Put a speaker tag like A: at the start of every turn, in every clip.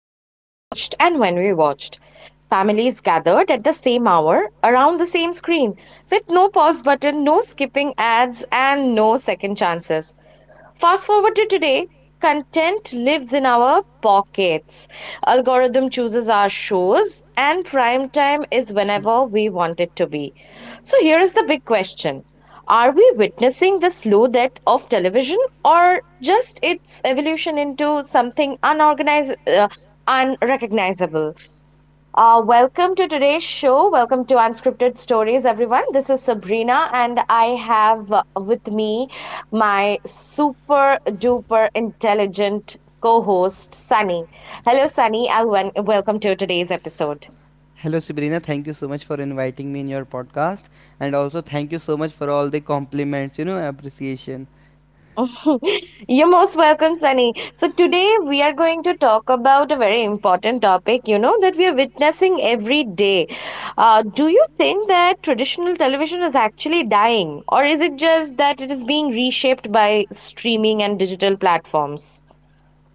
A: what we watched and when we watched. Families gathered at the same hour around the same screen with no pause button, no skipping ads, and no second chances. Fast forward to today, content lives in our pockets. Algorithm chooses our shows, and prime time is whenever we want it to be. So here is the big question. Are we witnessing the slow death of television or just its evolution into something unorganized, unrecognizable? Welcome to today's show. Welcome to Unscripted Stories, everyone. This is Sabrina, and I have with me my super duper intelligent co host, Sunny. Hello, Sunny. Welcome to today's episode.
B: Hello, Sabrina. Thank you so much for inviting me in your podcast, and also thank you so much for all the compliments, appreciation.
A: You're most welcome, Sunny. So, today we are going to talk about a very important topic, you know, that we are witnessing every day. Do you think that traditional television is actually dying, or is it just that it is being reshaped by streaming and digital platforms?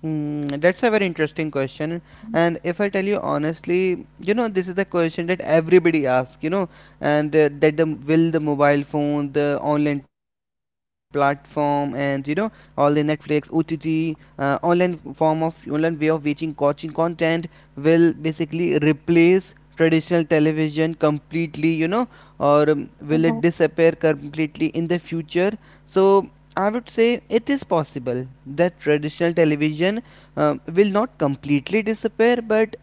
B: That's a very interesting question. And if I tell you honestly, this is a question that everybody asks, and will the mobile phone, the online platform, and all the Netflix, OTT, online way of watching coaching content will basically replace traditional television completely, or will it
A: Mhm.
B: disappear completely in the future? So I would say it is possible that traditional television will not completely disappear, but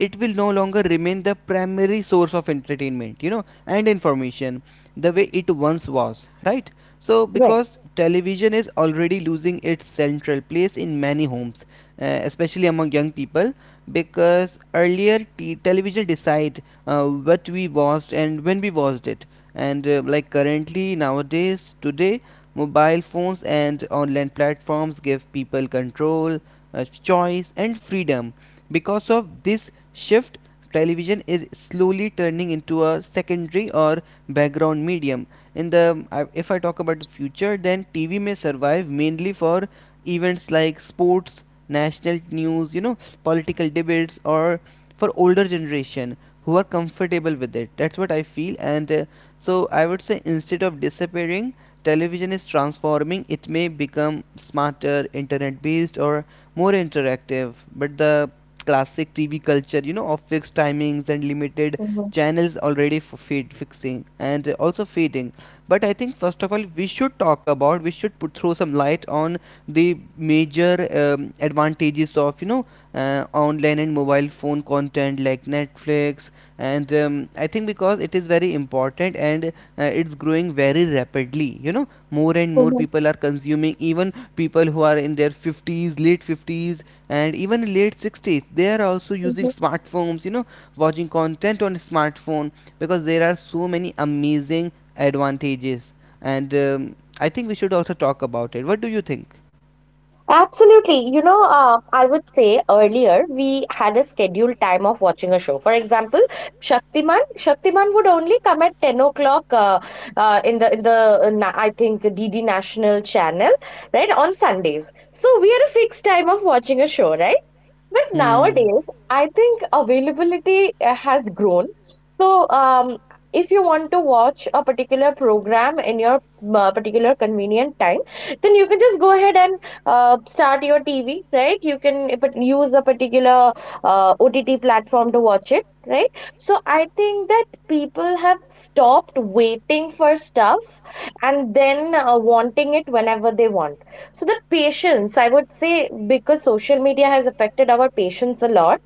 B: it will no longer remain the primary source of entertainment, and information the way it once was, right? So,
A: Right.
B: because television is already losing its central place in many homes, especially among young people, because earlier television decide what we watched and when we watched it, and like currently nowadays today mobile phones and online platforms give people control, choice, and freedom. Because of this shift, television is slowly turning into a secondary or background medium. In the if I talk about the future, then TV may survive mainly for events like sports, national news, political debates, or for older generation who are comfortable with it. That's what I feel, and so I would say, instead of disappearing, television is transforming. It may become smarter, internet based, or more interactive, but the classic TV culture, of fixed timings and limited
A: Mhm.
B: channels, already fade fixing and also fading. But I think first of all we should put throw some light on the major advantages of online and mobile phone content like Netflix. And I think, because it is very important and it's growing very rapidly, more and more
A: Mhm.
B: people are consuming, even people who are in their 50s, late 50s, and even late 60s, they are also using
A: Mhm.
B: smartphones, watching content on smartphone, because there are so many amazing advantages. And I think we should also talk about it. What do you think?
A: Absolutely. You know, I would say earlier we had a scheduled time of watching a show. For example, Shaktiman. Shaktiman would only come at 10 o'clock in the I think DD National channel, right, on Sundays. So we had a fixed time of watching a show, right? But
B: Hmm.
A: nowadays, I think availability has grown. So, if you want to watch a particular program in your particular convenient time, then you can just go ahead and start your TV, right? You can use a particular OTT platform to watch it, right? So, I think that people have stopped waiting for stuff and then wanting it whenever they want. So the patience, I would say, because social media has affected our patience a lot,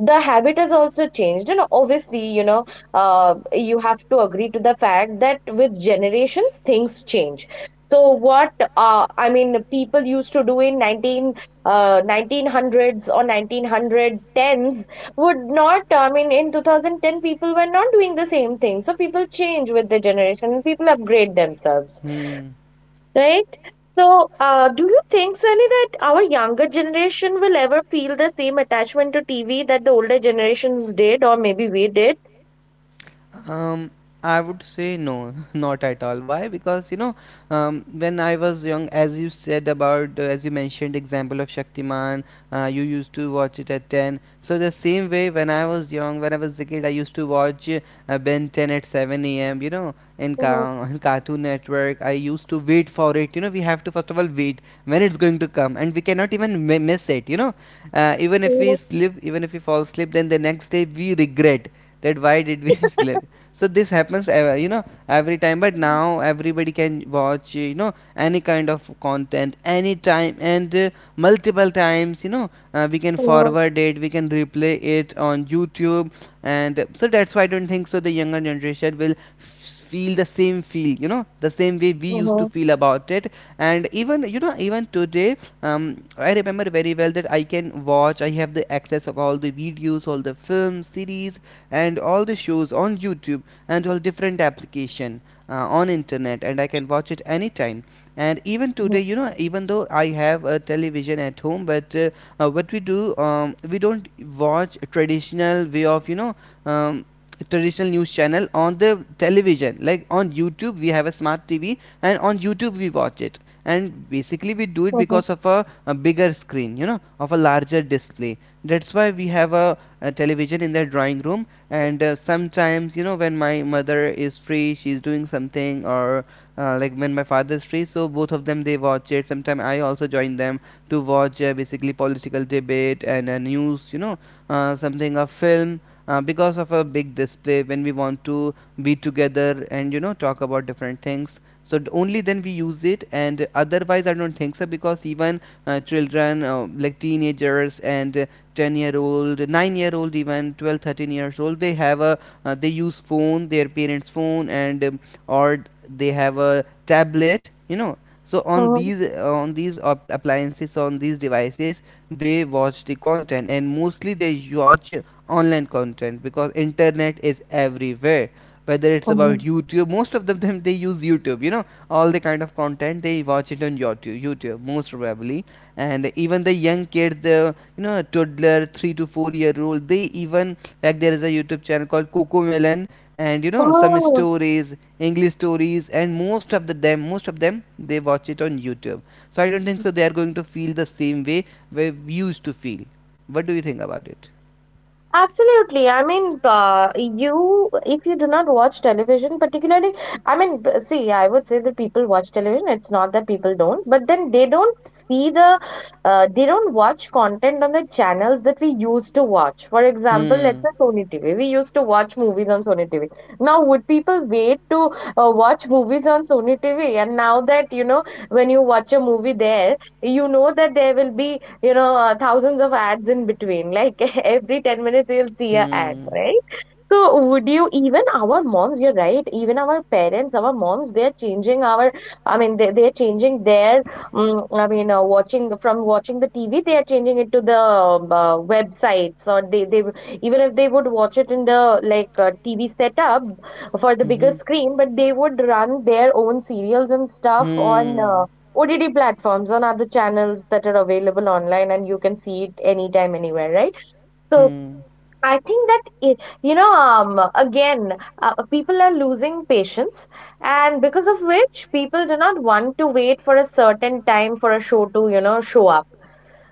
A: the habit has also changed. And obviously, you know, you have to agree to the fact that with generations, things change. So what people used to do in
B: uh,
A: 1900s or 1910s would not, I mean, in 2010, people were not doing the same thing. So people change with the generation and people upgrade themselves.
B: Hmm.
A: Right? So, do you think, Sunny, that our younger generation will ever feel the same attachment to TV that the older generations did, or maybe we did?
B: Um, I would say no, not at all. Why? Because when I was young, as you mentioned, example of Shaktiman, you used to watch it at 10. So the same way, when I was a kid, I used to watch Ben 10 at 7 a.m. You know, in
A: Mhm,
B: Cartoon Network, I used to wait for it. You know, we have to first of all wait when it's going to come, and we cannot even miss it. You know, even if we
A: mhm,
B: sleep, even if we fall asleep, then the next day we regret that why did we sleep. So this happens every time, but now everybody can watch, any kind of content anytime, and multiple times. We can
A: mhm,
B: forward it, we can replay it on YouTube. And so that's why I don't think so the younger generation will feel the same way we used to feel about it. And even you know even today, I remember very well that I can watch I have the access of all the videos, all the films, series, and all the shows on YouTube, and to different application on internet, and I can watch it anytime. And even
A: mhm,
B: today, even though I have a television at home, but what we do, we don't watch a traditional way of um, traditional news channel on the television. Like on YouTube, we have a smart TV, and on YouTube we watch it. And basically we do it
A: mhm,
B: because of a bigger screen, of a larger display. That's why we have a television in the drawing room, and sometimes, when my mother is free, she's doing something, or like when my father is free, so both of them, they watch it. Sometimes I also join them to watch basically political debate and news, something, a film, because of a big display, when we want to be together and talk about different things. So only then we use it, and otherwise I don't think so, because even children, like teenagers and 10-year old, 9-year old, even 12, 13 years old, they have a they use phone, their parents phone, and or they have a tablet, so
A: mhm,
B: on these appliances on these devices they watch the content. And mostly they watch online content because internet is everywhere, whether it's about
A: mhm,
B: YouTube. Most of them they use YouTube, all the kind of content, they watch it on YouTube. Most probably. And even the young kids, toddler, 3 to 4 year old, they even, like, there is a YouTube channel called Coco Melon, and some
A: mhm.
B: stories, English stories, and most of them, they watch it on YouTube. So I don't think so they are going to feel the same way we used to feel. What do you think about it?
A: Absolutely. I mean, if you do not watch television, particularly, I mean, see, I would say that people watch television. It's not that people don't, but then they don't see they don't watch content on the channels that we used to watch. For example,
B: Hmm.
A: let's say Sony TV. We used to watch movies on Sony TV. Now, would people wait to watch movies on Sony TV? And now that, you know, when you watch a movie there, you know that there will be thousands of ads in between. Like every 10 minutes, you'll see a ad,
B: Hmm.
A: right? So, would you even our moms, you're right, even our parents, our moms, they're changing their, I mean, watching from watching the TV, they are changing it to the websites, or even if they would watch it in the like TV setup for the bigger
B: हम
A: screen, but they would run their own serials and stuff on
B: हम
A: OTT platforms on other channels that are available online and you can see it anytime, anywhere, right? So
B: हम
A: I think that, people are losing patience, and because of which people do not want to wait for a certain time for a show to, you know, show up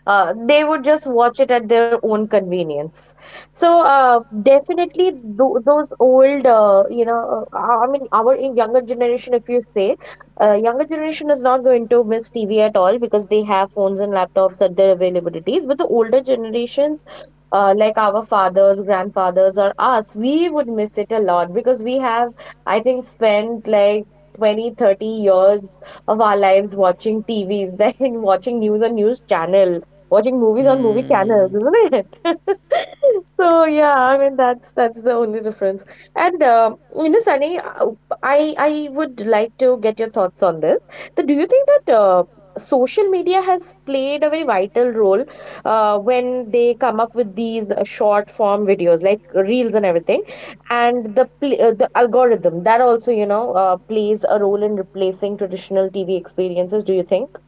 A: they would just watch it at their own convenience. So definitely th- those old, you know, I mean, our in- younger generation, if you say, younger generation is not going to miss TV at all because they have phones and laptops at their availabilities. But the older generations, like our fathers, grandfathers, or us, we would miss it a lot because we have, I think, spent like 20, 30 years of our lives watching TVs, then watching news on news channel watching movies on movie channels,
B: हम
A: isn't it? So yeah, I mean that's the only difference. And you know, Sunny, I would like to get your thoughts on this. That do you think that social media has played a very vital role when they come up with these short form videos like reels and everything, and the algorithm that also you know plays a role in replacing traditional TV experiences. Do you think?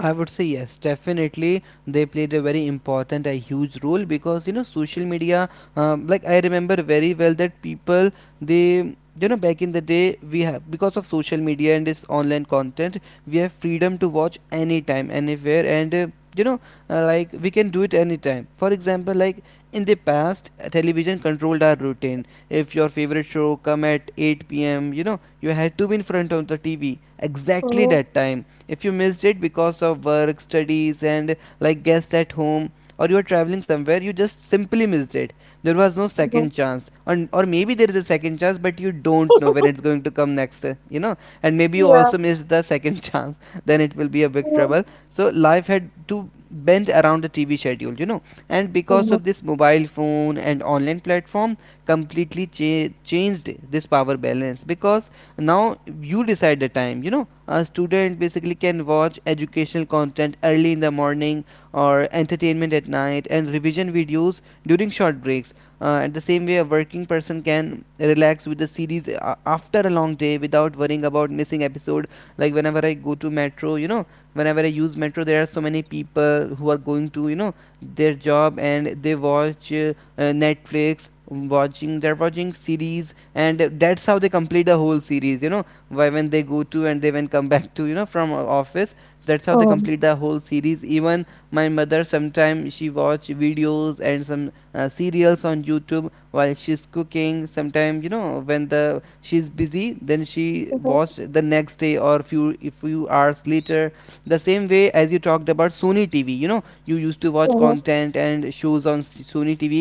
B: I would say yes, definitely. They played a very important, a huge role, because social media. Like I remember very well that people they you know back in the day, we have because of social media and this online content, we have freedom to watch anytime, anywhere, and you know like we can do it anytime. For example, like in the past, television controlled our routine. If your favorite show come at 8 p.m., you had to be in front of the TV exactly
A: Mhm,
B: that time. If you missed it because of work, studies, and like guests at home, or you're traveling somewhere, you just simply missed it. There was no
A: mhm.
B: second chance, or maybe there is a second chance, but you don't know when it's going to come next. And maybe you
A: Yeah.
B: also missed the second chance, then it will be a big
A: Mhm,
B: trouble. So life had to bend around the TV schedule, and because
A: mhm,
B: of this, mobile phone and online platform completely changed this power balance. Because now you decide the time. A student basically can watch educational content early in the morning, or entertainment at night, and revision videos during short breaks. And the same way, a working person can relax with the series after a long day without worrying about missing episode. Like whenever I go to metro you know whenever I use metro, there are so many people who are going to their job, and they watch Netflix. Watching They're watching series, and that's how they complete the whole series. Why, when they go to and they when come back to, from office, that's how they
A: mhm.
B: complete the whole series. Even my mother sometimes she watch videos and some serials on YouTube while she's cooking sometimes. When the she's busy, then she watch the next day, or few a few hours later. The same way as you talked about Sony TV, you used to watch
A: Mhm,
B: content and shows on Sony TV.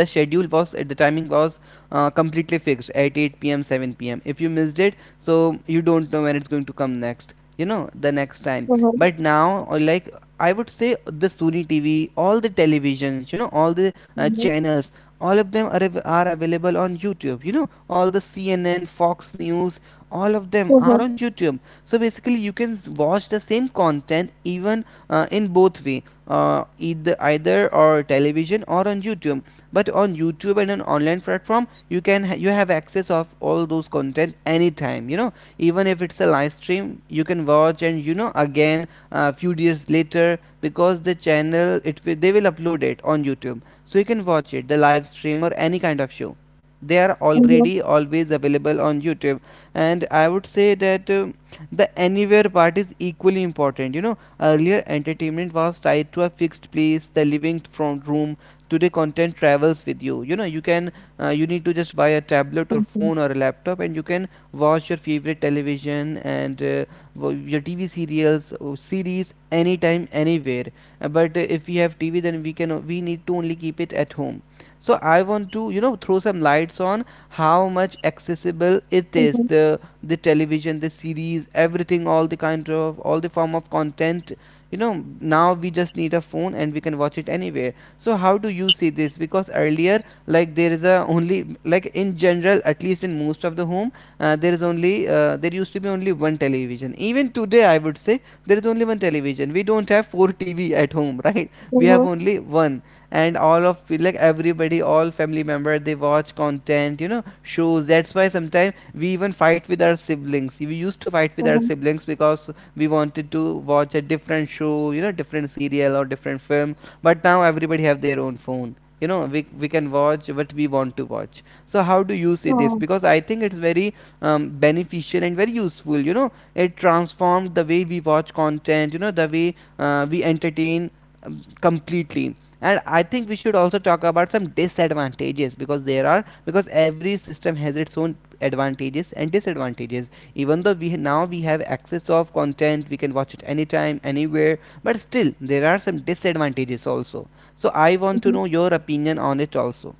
B: The timing was completely fixed at 8 p.m., 7 p.m. If you missed it, so you don't know when it's going to come next, the next time.
A: mhm,
B: But now, like, I would say the Sony TV, all the televisions, all the
A: mhm,
B: channels, all of them are available on YouTube. All the CNN, Fox News, all of them are
A: mhm,
B: on YouTube. So basically you can watch the same content, even in both way, either or television or on YouTube. But on YouTube and an online platform, you have access of all those content anytime. Even if it's a live stream, you can watch, and again a few days later, because the channel it will they will upload it on YouTube, so you can watch it, the live stream or any kind of show. They are
A: mhm,
B: already always available on YouTube. And I would say that the anywhere part is equally important. Earlier entertainment was tied to a fixed place, the living front room. Today content travels with you. You know You can, you need to just buy a tablet or
A: mhm,
B: phone or a laptop, and you can Watch your favorite television and your TV serials or series anytime anywhere. But If we have TV, then we need to only keep it at home. So I want to, throw some lights on how much accessible it
A: mhm,
B: is,
A: mhm,
B: the television, the series, everything, all the kind of, all the form of content, you know now we just need a phone and we can watch it anywhere. So how do you see this? Because earlier, like, there is a, only, like, in general, at least in most of the home, there used to be only one television. Even today, I would say there is only one television. We don't have four TV at home, right?
A: mhm,
B: We have
A: mhm,
B: only one, and all of, like, everybody, all family member, they watch content, shows. That's why sometimes we even fight with our siblings we used to fight with our siblings because we wanted to watch a different show, different serial or different film. But now everybody have their own phone. You know, we can watch what we want to watch. So how do you see this?
A: mhm,
B: Because I think it's very beneficial and very useful. You know, it transforms the way we watch content, you know, the way we entertain completely. And I think we should also talk about some disadvantages, because there are, because every system has its own advantages and disadvantages. Even though we now we have access of content, we can watch it anytime anywhere, but still there are some disadvantages also. So I want to
A: mhm.
B: know your opinion on it also.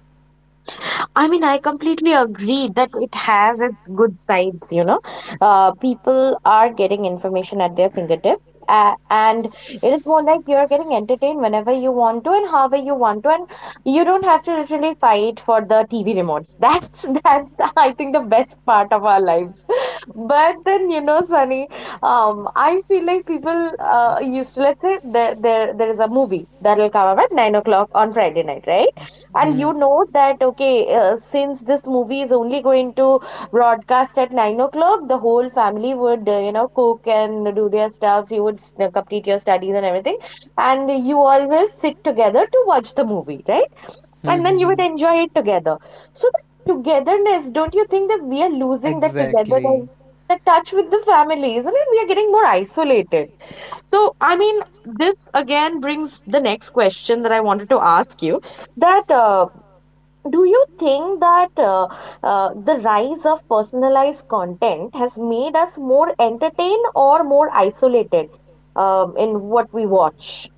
A: I mean, I completely agree that it has its good sides, you know. People are getting information at their fingertips, and it is more like you're getting entertained whenever you want to and however you want to, and you don't have to literally fight for the TV remotes. That's that's I think the best part of our lives. But then you know, Sunny, I feel like people used to let's say there is a movie that'll come up at 9 o'clock on Friday night, right?
B: Mhm.
A: And you
B: Mhm.
A: know that, okay, since this movie is only going to broadcast at 9 o'clock, the whole family would, you know, cook and do their stuffs. Complete your studies and everything. And you all will sit together to watch the movie, right?
B: Hmm.
A: And then you
B: Hmm.
A: would enjoy it together. So the togetherness, don't you think that we are losing the
B: Exactly.
A: togetherness, the touch with the family, isn't it? We are getting more isolated. So, I mean, this again brings the next question that I wanted to ask you that do you think that the rise of personalized content has made us more entertained or more isolated in what we watch?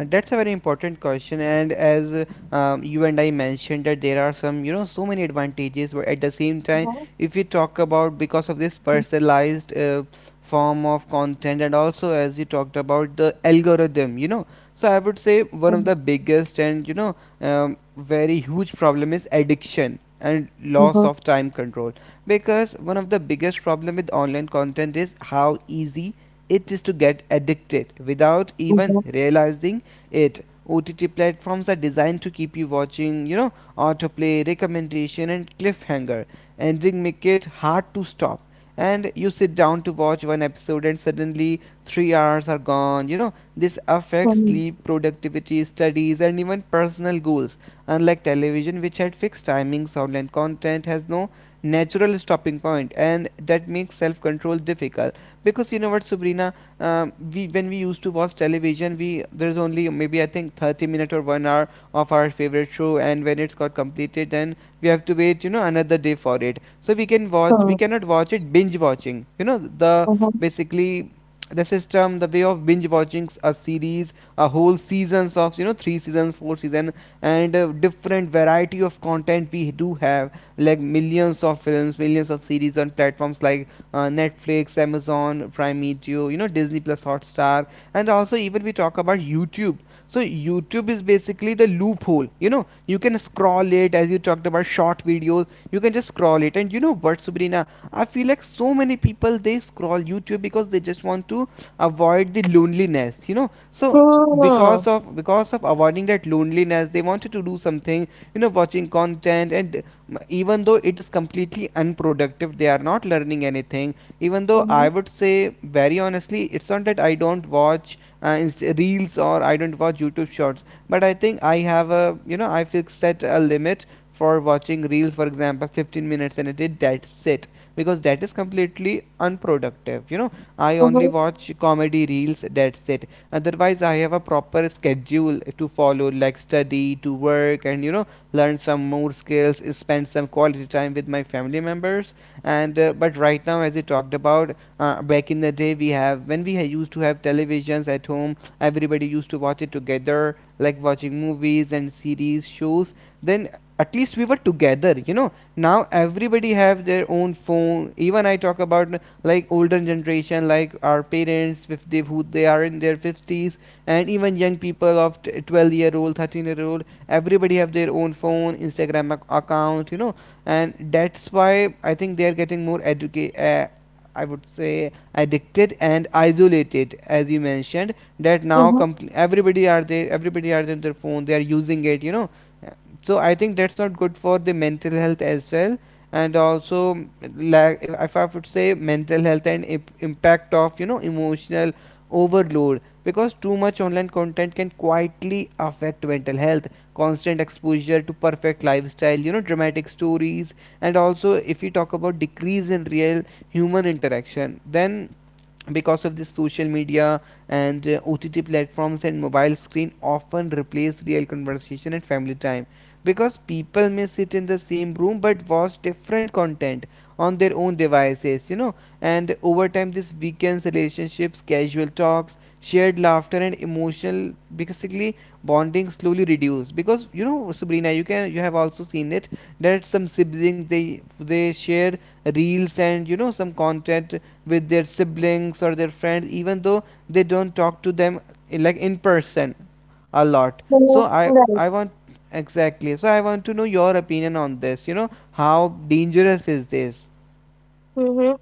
B: That's a very important question, and as you and I mentioned, that there are some, you know, so many advantages. But at the same time,
A: Hmm.
B: if you talk about, because of this personalized form of content, and also as you talked about the algorithm, you know, so I would say one of the biggest, and you know, very huge problem is addiction and loss
A: Mhm.
B: of time control. Because one of the biggest problem with online content is how easy it is to get addicted without even
A: Right.
B: realizing it. OTT platforms are designed to keep you watching, you know, autoplay, recommendation, and cliffhanger ending make it hard to stop. And you sit down to watch one episode, and suddenly 3 hours are gone. You know, this affects sleep, productivity, studies, and even personal goals. Unlike television, which had fixed timings, online content has no natural stopping point, and that makes self control difficult. Because you know what, Sabrina, we when we used to watch television, we there's only maybe I think 30 minute or 1 hour of our favorite show, and when it's got completed, then we have to wait, you know, another day for it, so we can watch, we cannot watch it binge watching. You know, the basically, the system, the way of binge watching a series, a whole seasons of, you know, three seasons, four season, and different variety of content we do have, like millions of films, millions of series on platforms like Netflix, Amazon Prime Video, you know, Disney Plus Hotstar, and also even we talk about YouTube. So YouTube is basically the loophole. You know, you can scroll it, as you talked about, short videos. You can just scroll it, and you know what, Sabrina? I feel like so many people, they scroll YouTube because they just want to avoid the loneliness. You know, so because of avoiding that loneliness, they wanted to do something, you know, watching content. And even though it is completely unproductive, they are not learning anything. Even though, I would say, very honestly, it's not that I don't watch reels, or I don't watch YouTube shorts. But I think I have, a you know, I fixed, set a limit for watching reels, for example, 15 minutes and a day, that's it. Because that is completely unproductive, you know. I only watch comedy reels, that's it. Otherwise I have a proper schedule to follow, like study to work, and you know, learn some more skills, spend some quality time with my family members. And but right now, as we talked about, back in the day, we have, used to have televisions at home, everybody used to watch it together, like watching movies and series, shows. Then at least we were together, you know. Now everybody have their own phone. Even I talk about, like older generation, like our parents, if they, who they are in their fifties, and even young people of, 12-year old, 13-year old, everybody have their own phone, Instagram account, you know. And that's why I think they are getting more educated, I would say addicted and isolated, as you mentioned, that now,
A: Mhm.
B: everybody are there, everybody are in their phone, they are using it, you know. Uh, so I think that's not good for the mental health as well. And also like, if I would say mental health and impact of, you know, emotional overload, because too much online content can quietly affect mental health, constant exposure to perfect lifestyle, you know, dramatic stories. And also if you talk about decrease in real human interaction, then because of this social media and OTT platforms and mobile screen often replace real conversation and family time, because people may sit in the same room but watch different content on their own devices, you know. And over time this weakens relationships, casual talks, shared laughter, and emotional, basically, bonding slowly reduce. Because you know, Sabrina, you can, you have also seen it, that some siblings, they share reels and, you know, some content with their siblings or their friends, even though they don't talk to them, like, in person a lot. So I want Exactly, so I want to know your opinion on this. You know, how dangerous is this?
A: Right.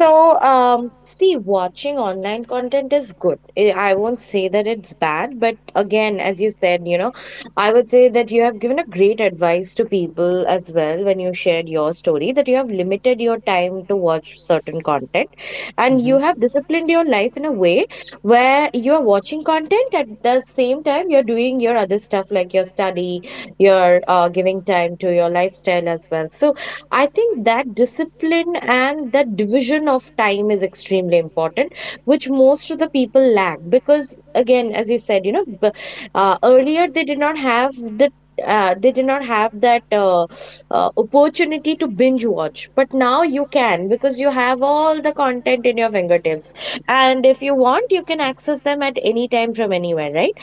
A: So, see, watching online content is good. I won't say that it's bad, but again, as you said, you know, I would say that you have given a great advice to people as well when you shared your story that you have limited your time to watch certain content and
B: Hmm.
A: you have disciplined your life in a way where you are watching content at the same time you're doing your other stuff like your study, you're giving time to your lifestyle as well. So, I think that discipline and that division of time is extremely important, which most of the people lack because, again, as you said, you know, earlier they did not have they did not have that opportunity to binge watch but now you can because you have all the content in your fingertips and if you want you can access them at any time from anywhere, right?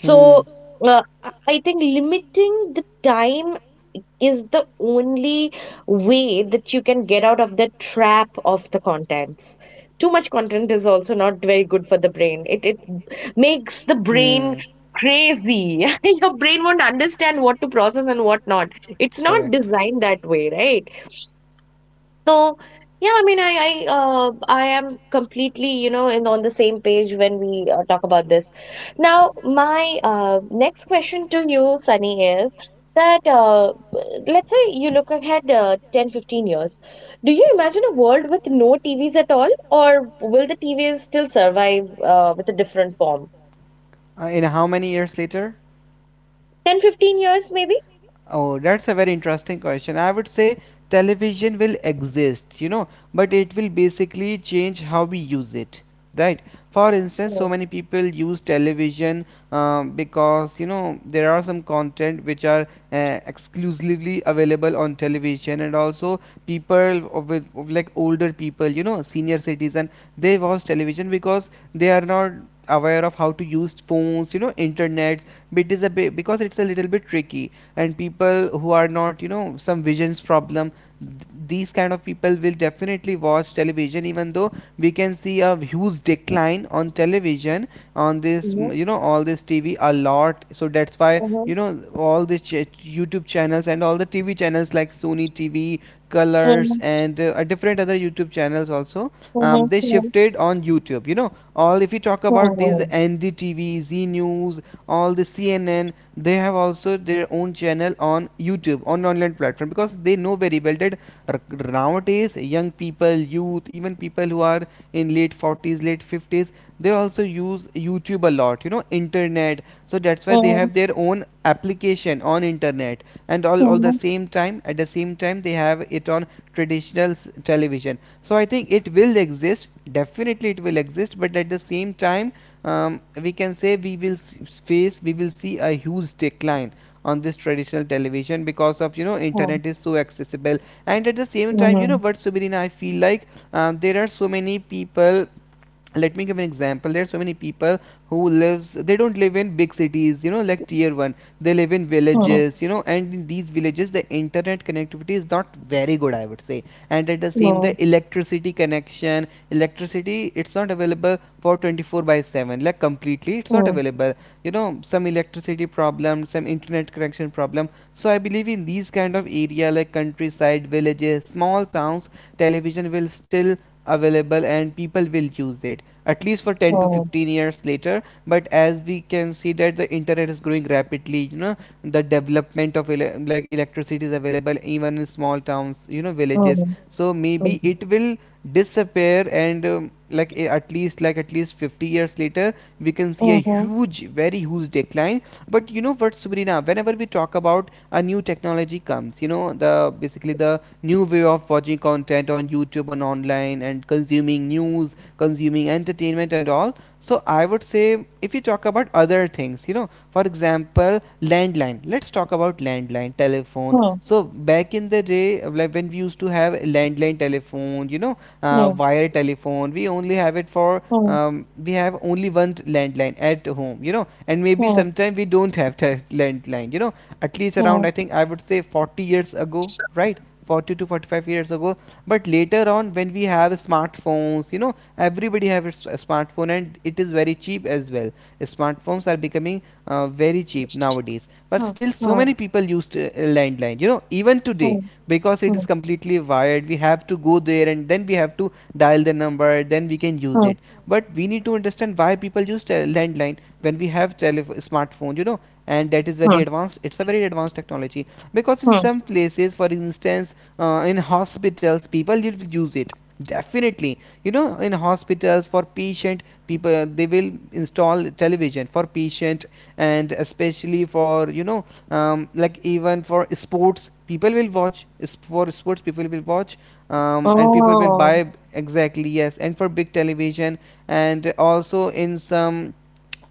B: Hmm.
A: uh, I think limiting the time is the only way that you can get out of the trap of the contents. Too much content is also not very good for the brain. It makes the brain
B: Hmm.
A: crazy. Your brain won't understand what to process and what not. It's not
B: Correct.
A: designed that way, right? So yeah, I mean, I am completely you know in on the same page when we talk about this. Now, my next question to you, Sunny, is that let's say you look ahead 10, 15 years. Do you imagine a world with no TVs at all, or will the TVs still survive with a different form?
B: And how many years later?
A: 10, 15 years, maybe?
B: Oh, that's a very interesting question. I would say television will exist, you know, but it will basically change how we use it, right? For instance,
A: Mm,
B: so many people use television because, you know, there are some content which are exclusively available on television, and also people of with of like older people, you know, senior citizen, they watch television because they are not aware of how to use phones, you know, internet. But it is a bit, because it's a little bit tricky, and people who are not, you know, some visions problem, these kind of people will definitely watch television. Even though we can see a huge decline on television, on this,
A: mhm,
B: you know, all this TV a lot, so that's why,
A: mhm,
B: you know, all the YouTube channels and all the TV channels, like Sony TV, Colors,
A: mhm,
B: and different other YouTube channels also, they
A: mhm,
B: shifted on YouTube. You know, all, if you talk about these
A: mhm,
B: NDTV, Z News, all the CNN, they have also their own channel on YouTube, on online platform, because they know very well that nowadays young people, youth, even people who are in late 40s, late 50s, they also use YouTube a lot, you know, internet. So that's why they
A: mhm, mhm,
B: have their own application on internet, and all the
A: mhm,
B: same time at the same time they have it on traditional television. So I think it will exist, definitely it will exist, but at the same time, we can say we will face we will see a huge decline on this traditional television, because, of you know, internet is so accessible. And at the same
A: mhm,
B: time, you know
A: mhm,
B: what, Subirina, I feel like there are so many people, let me give an example, there are so many people who lives, they don't live in big cities, you know, like tier 1, they live in
A: mhm.
B: villages, you know. And in these villages the internet connectivity is not very good, I would say. And at the same,
A: Mm,
B: the electricity connection, electricity, it's not available for 24 by 7, like completely it's not
A: mm,
B: available. You know, some electricity problem, some internet connection problem. So I believe in these kind of area, like countryside, villages, small towns, television will still available and people will use it, at least for 10 to
A: mm,
B: 15 years later. But as we can see that the internet is growing rapidly, you know, the development of like electricity is available even in small towns, you know, villages,
A: mm,
B: so maybe
A: mm.
B: it will disappear. And at least 50 years later we can see a
A: Mhm.
B: huge, very huge decline. But you know what, Sabrina, whenever we talk about, a new technology comes, the basically the new way of watching content on YouTube and online and consuming news, consuming entertainment and all. So I would say if you talk about other things, for example, landline. Let's talk about landline telephone. So back in the day, like when we used to have landline telephone,
A: Mm,
B: wire telephone, we only have it for
A: mm,
B: we have only one landline at home, and maybe
A: mm,
B: sometime we don't have landline, at least
A: mm,
B: around, I
A: mm,
B: think I would say 40 years ago, right? 40 to 45 years ago. But later on when we have smartphones, everybody have a smartphone, and it is very cheap as well. Smartphones are becoming very cheap nowadays, but
A: mm,
B: still so many
A: mm,
B: people use to, landline, even today,
A: mm,
B: because it is
A: mm,
B: completely wired. We have to go there and then we have to dial the number, then we can use
A: mm,
B: it. But we need to understand why people use landline when we have smartphone, and that is very
A: mm,
B: advanced. It's a very advanced technology, because in
A: mm.
B: some places, for instance, in hospitals people will use it. Definitely. In hospitals, for patient people they will install television for patient, and especially for, like even for sports people will watch, and people will
A: Oh,
B: buy, exactly yes, and for big television, and also in some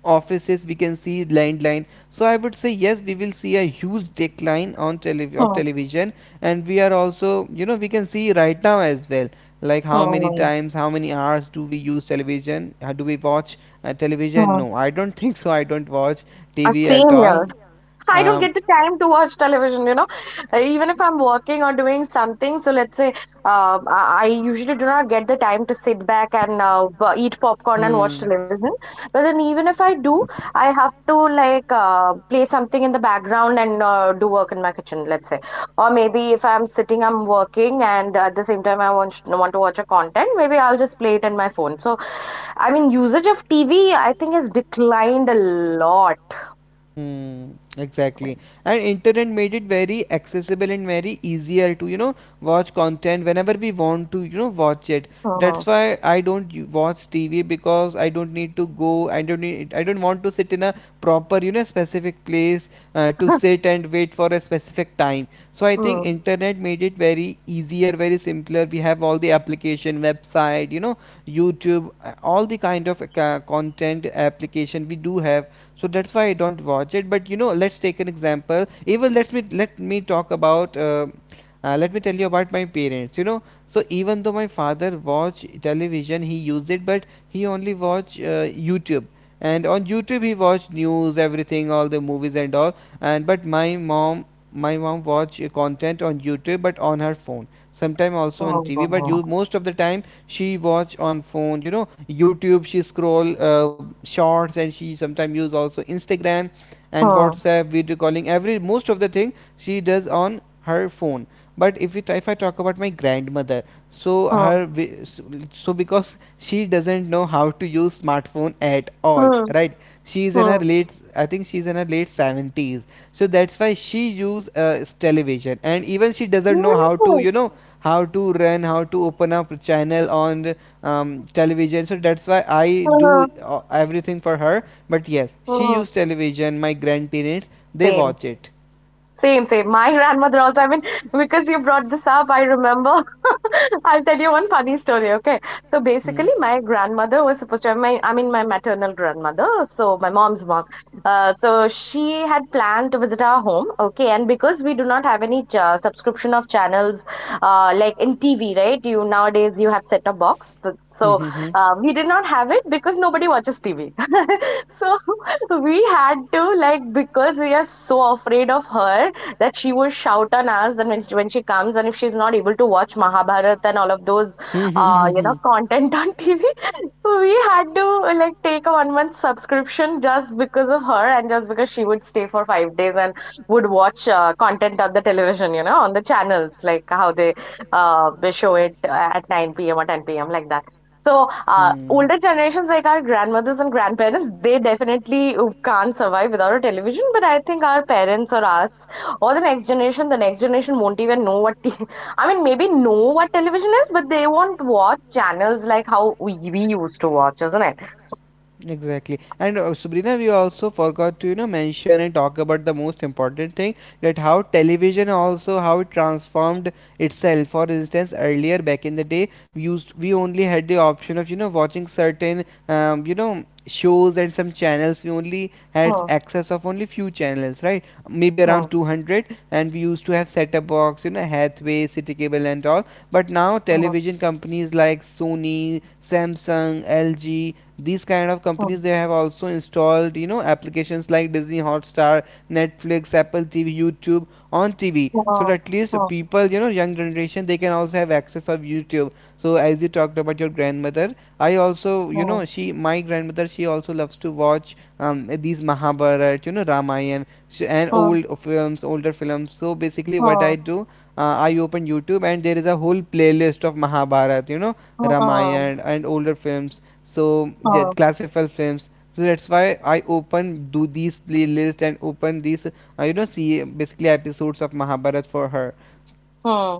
B: offices we can see landline. So I would say, yes, we will see a huge decline on of
A: mm,
B: television. And we are also, we can see right now as well, like
A: mm,
B: how many hours do we use television. Do we watch television?
A: mm.
B: No, I don't think so. I don't watch
A: A
B: TV at all.
A: senior. I don't
B: um,
A: get the time to watch television, you know. Even if I'm working or doing something, so let's say I usually do not get the time to sit back and eat popcorn and watch
B: hmm.
A: television. But then even if I do, I have to like play something in the background and do work in my kitchen, let's say. Or maybe if I'm sitting, I'm working, and at the same time I want to watch a content, maybe I'll just play it in my phone. So I mean, usage of TV, I think, has declined a lot.
B: Hmm, exactly. And internet made it very accessible and very easier to, watch content whenever we want to, watch it. That's
A: Mhm.
B: why I don't watch TV, because I don't need to go. I don't need. I don't want to sit in a proper, specific place to sit and wait for a specific time. So I think internet made it very easier, very simpler. We have all the application, website, YouTube, all the kind of content application we do have, so that's why I don't watch it. But let's take an example. Even let me talk about. Let me tell you about my parents. So even though my father watch television, he used it, but he only watch YouTube. And on YouTube, he watched news, everything, all the movies and all. And but my mom, My mom watch content on YouTube, but on her phone. Sometime also on
A: Oh,
B: TV, but
A: oh,
B: you most of the time she watch on phone, YouTube, she scroll shorts, and she sometimes use also Instagram and
A: oh,
B: WhatsApp video calling. Every most of the thing she does on her phone. But if I talk about my grandmother, so
A: oh, oh,
B: her, because she doesn't know how to use smartphone at all, right? she's in her
A: oh,
B: late I think she's in her late 70s, so that's why she use television, and even she doesn't know how to,
A: oh,
B: how to run, how to open up a channel on, television. So that's why I
A: oh,
B: do everything for her. But yes, she
A: oh,
B: used television. My grandparents, they
A: same.
B: watch it.
A: Same, same. My grandmother also, I mean, because you brought this up, I remember. I'll tell you one funny story, okay? So
B: Hmm.
A: basically, my
B: Basically, my
A: grandmother was
B: grandmother
A: supposed to
B: was,
A: have my,
B: which I,
A: I
B: my,
A: mean, my
B: I mean my
A: maternal
B: maternal
A: grandmother,
B: grandmother,
A: so my
B: so
A: mom's
B: my
A: mom.
B: mom's mom.
A: So she had planned to visit our home, okay? And because we do not have any ch subscription of channels, like in TV, right? You Nowadays you have set a box. So
B: Mm-hmm.
A: we did not have it because nobody watches TV. So we had to, like, because we are so afraid of her that she will shout on us, and when she comes and if she's not able to watch Mahabharat and all of those you know
B: Mm-hmm.
A: content on TV, we had to, like, take a one month subscription just because of her, and just because she would stay for 5 days and would watch content on the television, you know, on the channels like how they show it at 9 p.m. or 10 p.m., like that. So, older generations like our grandmothers and grandparents, they definitely can't survive without a television. But I think our parents or us, or the next generation won't even know what. I mean, maybe know what television is, but they won't watch channels like how we used to watch, isn't it?
B: Exactly. And, Sabrina, we also forgot to, mention and talk about the most important thing, that how television also how it transformed itself. For instance, earlier back in the day, we only had the option of, watching certain, shows and some channels. We only had
A: Hmm,
B: access of only few channels, right? Maybe
A: hmm,
B: around 200, and we used to have set up box, Hathaway, City Cable, and all. But now
A: hmm,
B: television companies like Sony, Samsung, LG, these kind of
A: hmm,
B: companies, they have also installed, applications like Disney Hotstar, Netflix, Apple TV, YouTube on TV, so
A: hmm,
B: that at least people, young generation, they can also have access of YouTube. So as you talked about your grandmother, I also,
A: hmm,
B: she my grandmother, she also loves to watch, these Mahabharat, Ramayan, and
A: hmm,
B: older films. So basically what
A: hmm,
B: I do, I open YouTube, and there is a whole playlist of Mahabharat,
A: hmm, hmm,
B: Ramayana and older films. So yeah,
A: hmm,
B: classified films. So that's why I open do these playlist and open these, see basically episodes of Mahabharat for her.
A: hmm.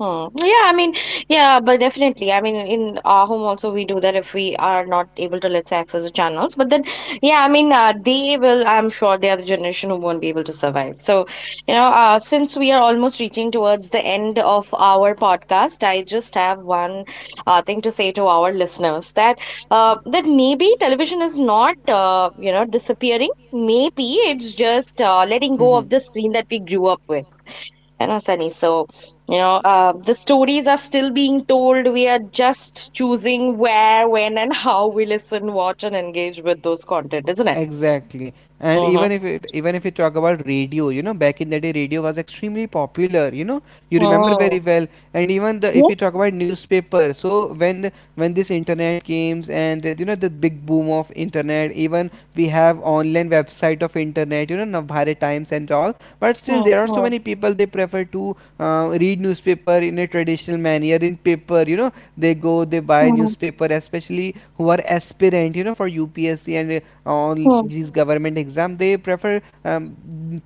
A: Hmm. Yeah, I mean, yeah, but definitely. I mean, in our home also we do that if we are not able to, let's say, access the channels. But then, yeah, I mean, they will. I'm sure they are the generation who won't be able to survive. So, you know, since we are almost reaching towards the end of our podcast, I just have one thing to say to our listeners, that that maybe television is not you know disappearing.
B: Maybe
A: Maybe it's
B: it's
A: just
B: just
A: letting go
B: Mhm.
A: of the
B: echo of
A: screen
B: the
A: that we
B: screen that
A: grew
B: we
A: up
B: grew
A: with,
B: up with.
A: you know, Sunny. So you know the stories are still being told. We are just choosing where, when, and how we listen, watch, and engage with those content, isn't it?
B: Exactly. And
A: Mm-hmm.
B: even, if it, even if we talk about radio, back in the day, radio was extremely popular. You remember
A: Mm.
B: very well. And even the
A: Yeah.
B: if you talk about newspaper, so when this internet came and, the big boom of internet, even we have online website of internet. Navbharat Times and all. But still,
A: Mm,
B: there are so
A: mm,
B: many people they prefer to, read newspaper in a traditional manner, in paper. You know, they go they buy
A: mm,
B: newspaper, especially who are aspirant. For UPSC, and, on
A: mm.
B: these government exam they prefer,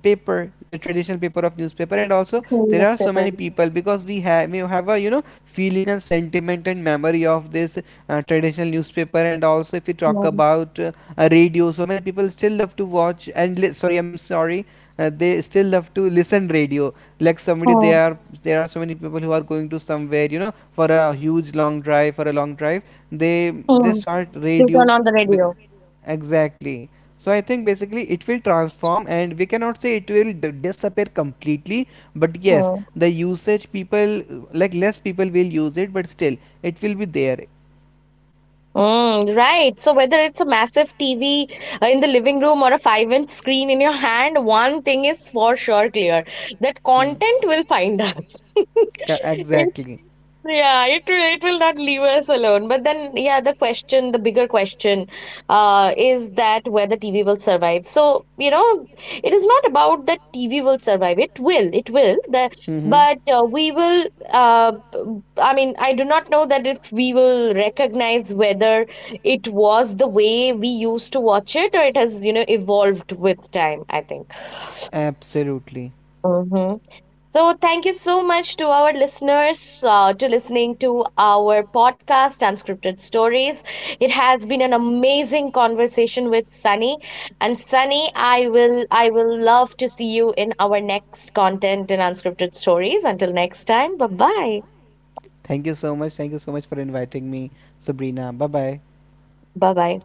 B: paper the traditional paper of newspaper. And also
A: Same
B: there are so
A: newspaper.
B: many people, because we have a, feeling and sentiment and memory of this, traditional newspaper. And also if we talk
A: Mm,
B: about, radio, so many people still love to watch, sorry, I'm sorry, they still love to listen radio, like somebody, they
A: mm,
B: are there are so many people who are going to somewhere, for a long drive, they
A: mm.
B: start
A: They turn
B: radio,
A: on the radio.
B: because. Exactly. So I think basically it will transform, and we cannot say it will disappear completely, but yes,
A: Mm.
B: the usage people, like less people will use it, but still it will be there.
A: Mm, right. So whether it's a massive TV in the living room or a 5-inch screen in your hand, one thing is for sure clear, that
B: Hmm.
A: content will find us.
B: Exactly.
A: Yeah, it will not leave us alone. But then, yeah, the question, the bigger question, is that whether TV will survive. So, you know, it is not about that TV will survive. It will, it will. The,
B: Mm-hmm.
A: but we will. I mean, I do not know that if we will recognize whether it was the way we used to watch it, or it has, you know, evolved with time, I think.
B: Absolutely.
A: Hmm. So thank you so much to our listeners, to listening to our podcast, Unscripted Stories. It has been an amazing conversation with Sunny, and Sunny, I will love to see you in our next content in Unscripted Stories. Until next time. Bye-bye.
B: Thank you so much. Thank you so much for inviting me, Sabrina. Bye bye.
A: Bye-bye.